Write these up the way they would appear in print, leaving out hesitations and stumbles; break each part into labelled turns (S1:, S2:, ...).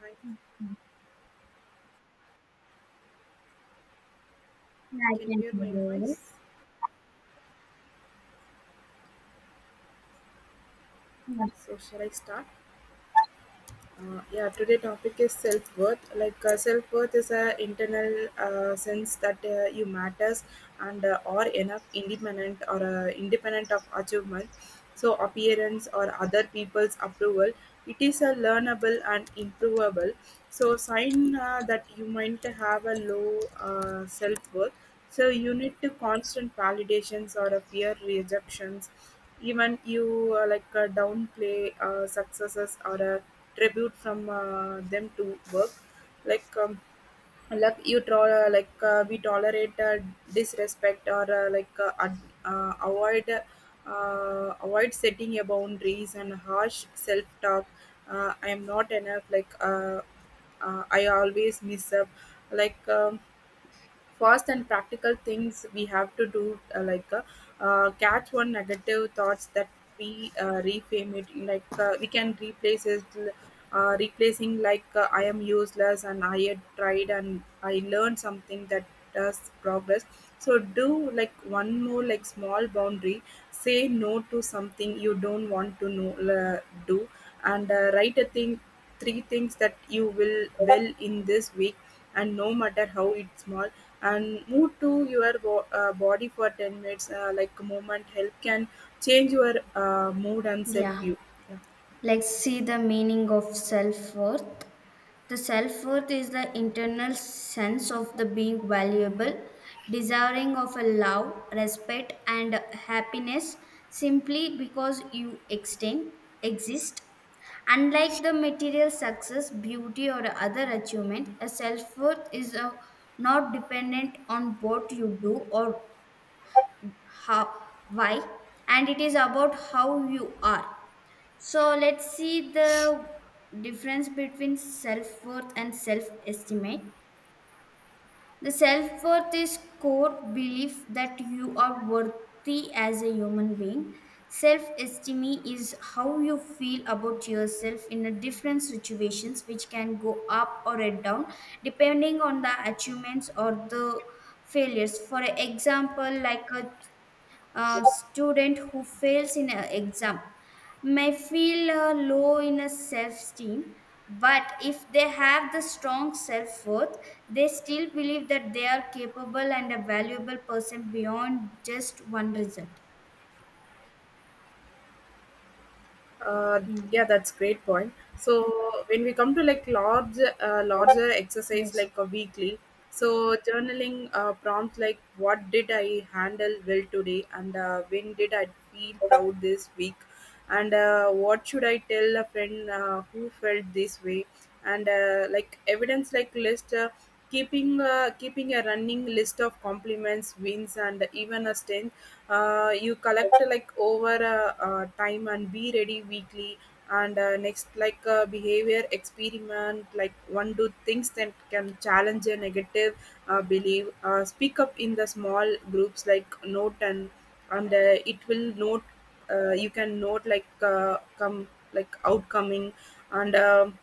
S1: Hi,
S2: Yeah, I
S1: can you
S2: can
S1: hear my
S2: hear.
S1: voice?
S2: Yeah.
S1: So, shall I start? Yeah, today topic is self worth. Like self worth is a internal sense that you matters and are enough, independent or independent of achievement, so appearance or other people's approval. It is a learnable and improvable. So sign that you might have a low self worth. So you need to constant validations or a fear rejections. Even you like downplay successes or a tribute from them to work like um, like you we tolerate disrespect or avoid setting a boundaries and harsh self talk, I am not enough, like I always miss up like fast and practical things we have to do, uh, like uh, catch one negative thoughts that we reframe it, like we can replace it, replacing like I am useless, and I had tried and I learned something that does progress. So do like one more like small boundary. Say no to something you don't want to know, do, and write a thing, three things that you will well in this week, and no matter how it's small, and move to your body for 10 minutes, like movement help can change your mood and self
S2: Yeah.
S1: view.
S2: Let's see the meaning of self worth. The self worth is the internal sense of the being valuable, desiring of a love, respect, and happiness simply because you exist. Unlike the material success, beauty, or other achievement, a self worth is not dependent on what you do, or how, why, and it is about how you are. So let's see the difference between self-worth and self-estimate. The self-worth is core belief that you are worthy as a human being. Self-esteem is how you feel about yourself in a different situations, which can go up or down depending on the achievements or the failures. For example, like a student who fails in an exam may feel low in a self-esteem, but if they have the strong self-worth, they still believe that they are capable and a valuable person beyond just one result.
S1: Uh, yeah,
S2: Hmm.
S1: that's great point. So when we come to like larger exercise
S2: Yes.
S1: like a weekly, so journaling prompts like what did I handle well today, and when did I feel proud this week, and what should I tell a friend who felt this way, and like evidence like list. Keeping a running list of compliments wins and even a stint, you collect like over time and be ready weekly, and next like behavior experiment like one do things that can challenge a negative belief, speak up in the small groups like note, and it will note, you can note like come, like outcoming, and um,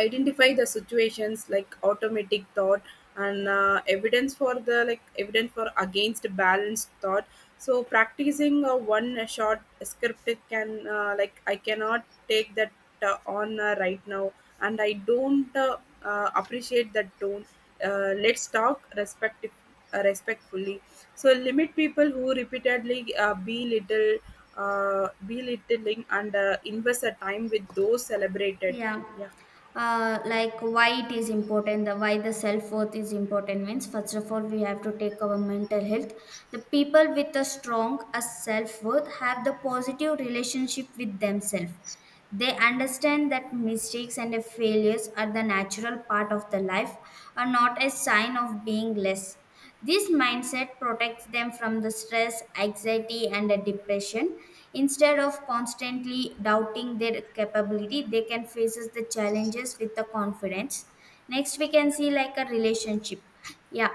S1: identify the situations like automatic thought, and evidence for the, like evidence for against balanced thought. So practicing a one shot script, it can like I cannot take that on right now, and I don't appreciate that tone. Let's talk respect, respectfully. So limit people who repeatedly belittle belittling, and invest a time with those celebrated,
S2: Yeah.
S1: yeah.
S2: Like why it is important, the why the self worth is important means first of all we have to take our mental health. The people with a strong a self worth have the positive relationship with themselves. They understand that mistakes and failures are the natural part of the life, are not a sign of being less. This mindset protects them from the stress, anxiety, and the depression. Instead of constantly doubting their capability, they can face the challenges with the confidence. Next, we can see like a relationship. Yeah,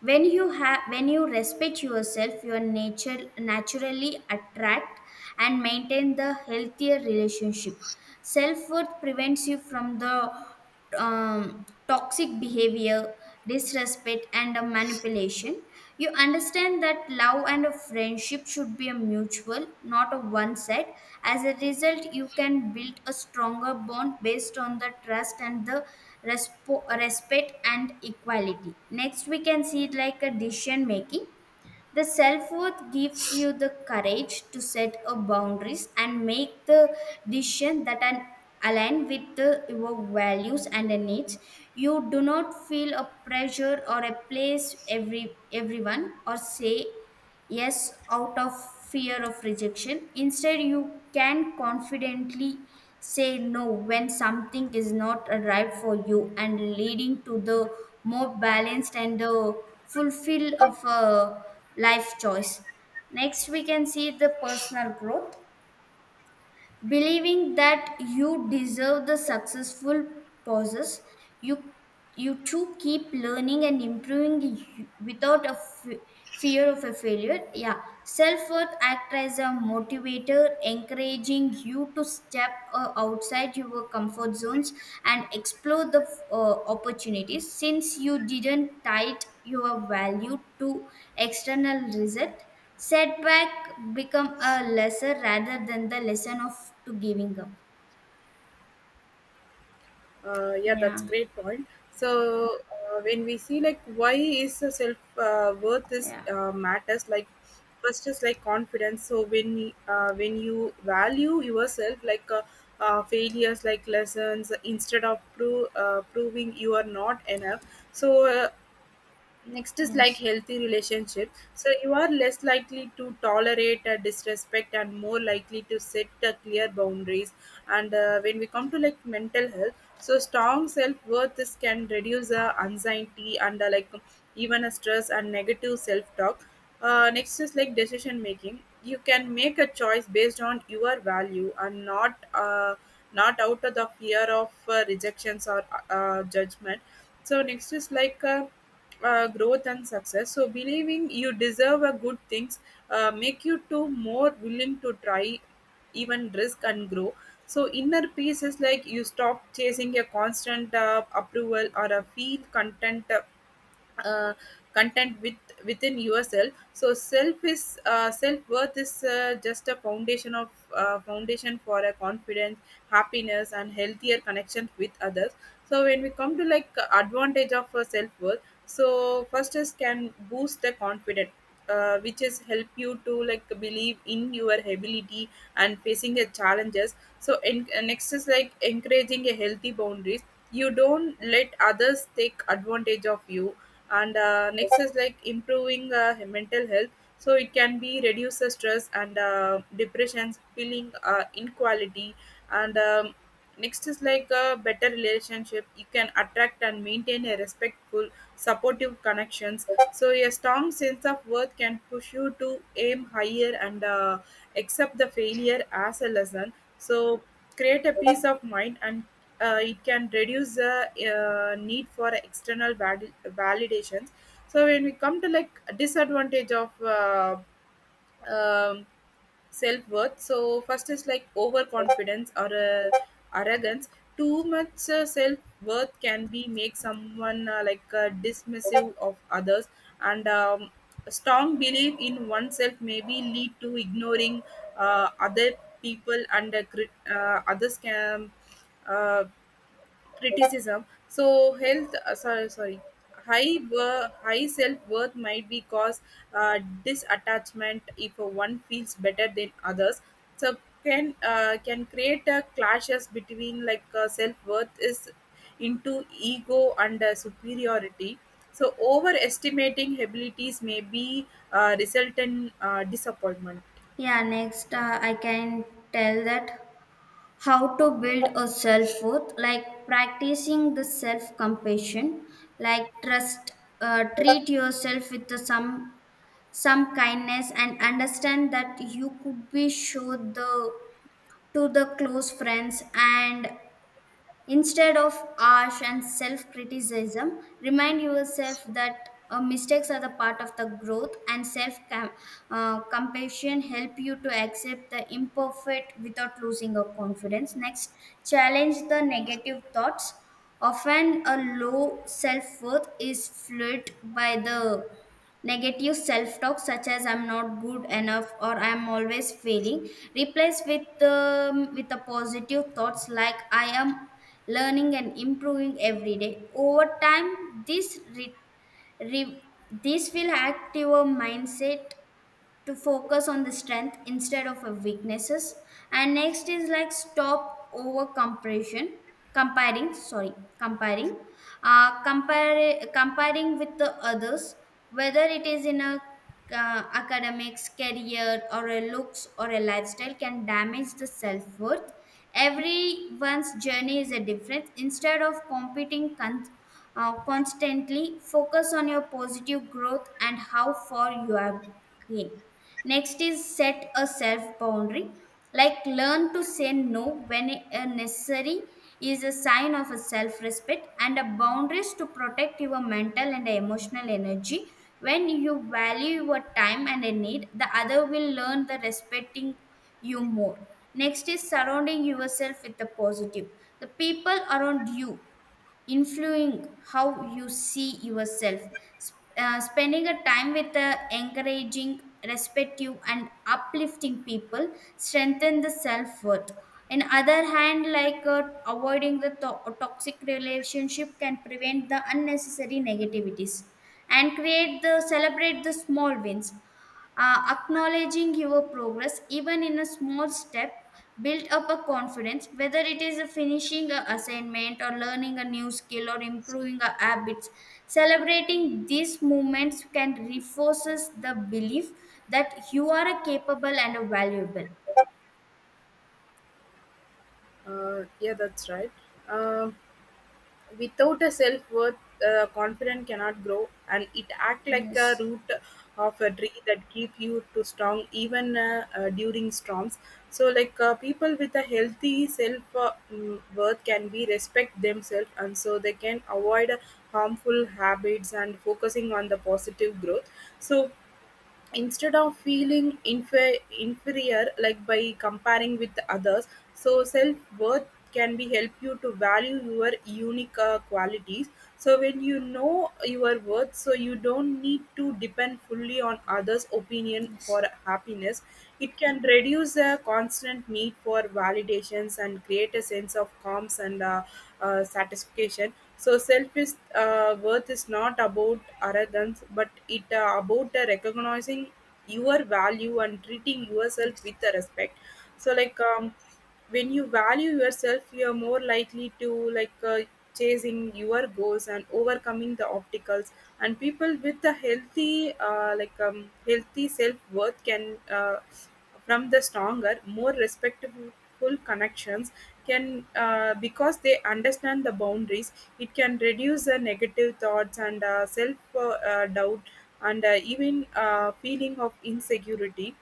S2: when you respect yourself, your nature naturally attract and maintain the healthier relationship. Self-worth prevents you from the toxic behavior, disrespect, and manipulation. You understand that love and a friendship should be a mutual, not a one side. As a result, you can build a stronger bond based on the trust and the respect and equality. Next, we can see like a decision making. The self worth gives you the courage to set a boundaries and make the decision that are aligned with your values and the needs. You do not feel a pressure or a place everyone or say yes out of fear of rejection. Instead, you can confidently say no when something is not right for you, and leading to the more balanced and the fulfill of a life choice. Next, we can see the personal growth. Believing that you deserve the successful pauses, you you too keep learning and improving without a fear of a failure. Yeah, self-worth act as a motivator, encouraging you to step outside your comfort zones and explore the opportunities. Since you didn't tie your value to external result, setback become a lesser rather than the lesson of to giving up.
S1: Yeah, that's
S2: Yeah.
S1: great point. So when we see like why is the self worth is
S2: Yeah.
S1: matters, like first is like confidence. So when you value yourself like failures like lessons instead of proving you are not enough. So uh, Next is like
S2: Yes.
S1: healthy relationship. So you are less likely to tolerate disrespect and more likely to set clear boundaries. And when we come to like mental health, so strong self worth is can reduce anxiety and like even a stress and negative self talk. Next is like decision making. You can make a choice based on your value and not out of the fear of rejections or judgment. So next is like growth and success, so believing you deserve a good things, make you to more willing to try, even risk and grow. So inner peace is like you stop chasing a constant approval or a feel uh, content with within yourself. So self worth is just a foundation for a confidence, happiness and healthier connection with others. So when we come to like advantage of self worth, so first is can boost the confidence, which is help you to like believe in your ability and facing the challenges. So in, next is like encouraging a healthy boundaries, you don't let others take advantage of you. And next is like improving mental health, so it can be reduce the stress and depressions feeling inequality. And next is like a better relationship, you can attract and maintain a respectful supportive connections. So a strong sense of worth can push you to aim higher and accept the failure as a lesson. So create a peace of mind and it can reduce the need for external validations. So when we come to like disadvantage of um, self-worth, so first is like overconfidence or arrogance. Too much self-worth can be make someone dismissive of others. And a strong belief in oneself maybe lead to ignoring other people and others can uh, criticism. So health, sorry, sorry, high self worth might be cause uh, disattachment if one feels better than others. So can create clashes between like self worth is into ego and superiority. So overestimating abilities may be result in disappointment.
S2: Yeah, next
S1: Yeah,
S2: I can tell that how to build a self worth, like practicing the self compassion, like trust, treat yourself with the some kindness, and understand that you could be show the to the close friends and instead of harsh and self criticism, remind yourself that mistakes are the part of the growth, and self compassion help you to accept the imperfect without losing your confidence. Next, challenge the negative thoughts. Often, a low self worth is fueled by the negative self talk, such as "I'm not good enough" or "I'm always failing." Replace with the positive thoughts like "I am." Learning and improving every day. Over time, this will active our mindset to focus on the strength instead of a weaknesses. And next is like stop over comparison, comparing sorry comparing, comparing with the others, whether it is in a academics career or a looks or a lifestyle, can damage the self-worth. Everyone's journey is a different. Instead of competing constantly, focus on your positive growth and how far you have came. Next is set a self boundary, like learn to say no when necessary is a sign of a self respect, and a boundaries to protect your mental and emotional energy. When you value your time and a need, the other will learn the respecting you more. Next is surrounding yourself with the positive. The people around you influencing how you see yourself. Spending a time with encouraging, respectful, and uplifting people strengthen the self worth. In other hand, like avoiding the toxic relationship can prevent the unnecessary negativities and create the celebrate the small wins. Acknowledging your progress, even in a small step, build up a confidence, whether it is a finishing an assignment or learning a new skill or improving a habits. Celebrating these moments can reinforces the belief that you are a capable and a valuable.
S1: yeah, that's right. Um, without a self worth, confidence cannot grow, and it act like a
S2: Yes,
S1: root of a tree that keep you to strong even during storms. So, like people with a healthy self worth can be respect themselves, and so they can avoid harmful habits and focusing on the positive growth. So instead of feeling inferior like by comparing with others, so self-worth can be help you to value your unique qualities. So when you know your worth, so you don't need to depend fully on others opinion for
S2: yes,
S1: happiness. It can reduce the constant need for validations and create a sense of calms and satisfaction. So selfish, is worth is not about arrogance, but it about recognizing your value and treating yourself
S2: yes.
S1: with respect. So like when you value yourself, you are more likely to like chasing your goals and overcoming the obstacles. And people with a healthy healthy self-worth can from the stronger more respectful connections, can because they understand the boundaries, it can reduce the negative thoughts and self doubt and even feeling of insecurity.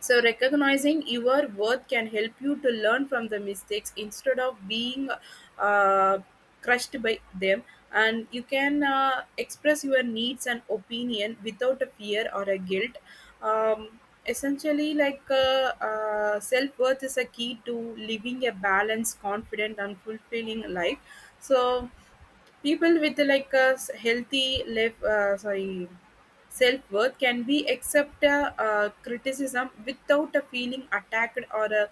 S1: So, recognizing your worth can help you to learn from the mistakes instead of being uh, crushed by them. And you can express your needs and opinion without a fear or a guilt. Um, essentially, like self worth is a key to living a balanced, confident, and fulfilling life. So, people with like a healthy life, sorry, self worth can be accept criticism without a feeling attacked or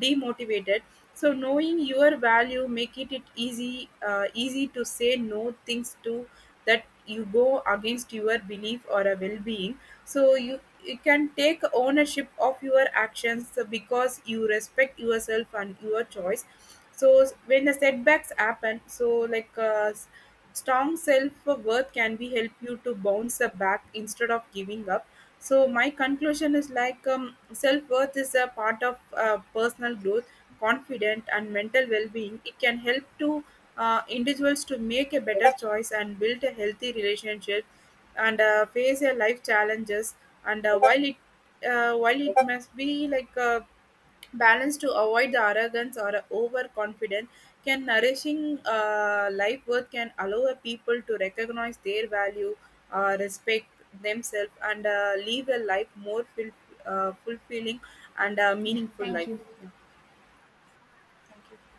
S1: demotivated. So knowing your value make it, it easy to say no things to that you go against your belief or a well being. So you can take ownership of your actions because you respect yourself and your choice. So when the setbacks happen, so like strong self-worth can be help you to bounce back instead of giving up. So my conclusion is like self-worth is a part of personal growth, confident and mental well-being. It can help to individuals to make a better choice and build a healthy relationship and face their life challenges. And while it must be like balance to avoid the arrogance or overconfidence, can nourishing life worth can allow a people to recognize their value, respect themselves, and live a life more fulfilling and
S2: Yeah,
S1: meaningful
S2: thank
S1: life.
S2: you.
S1: Yeah, thank you.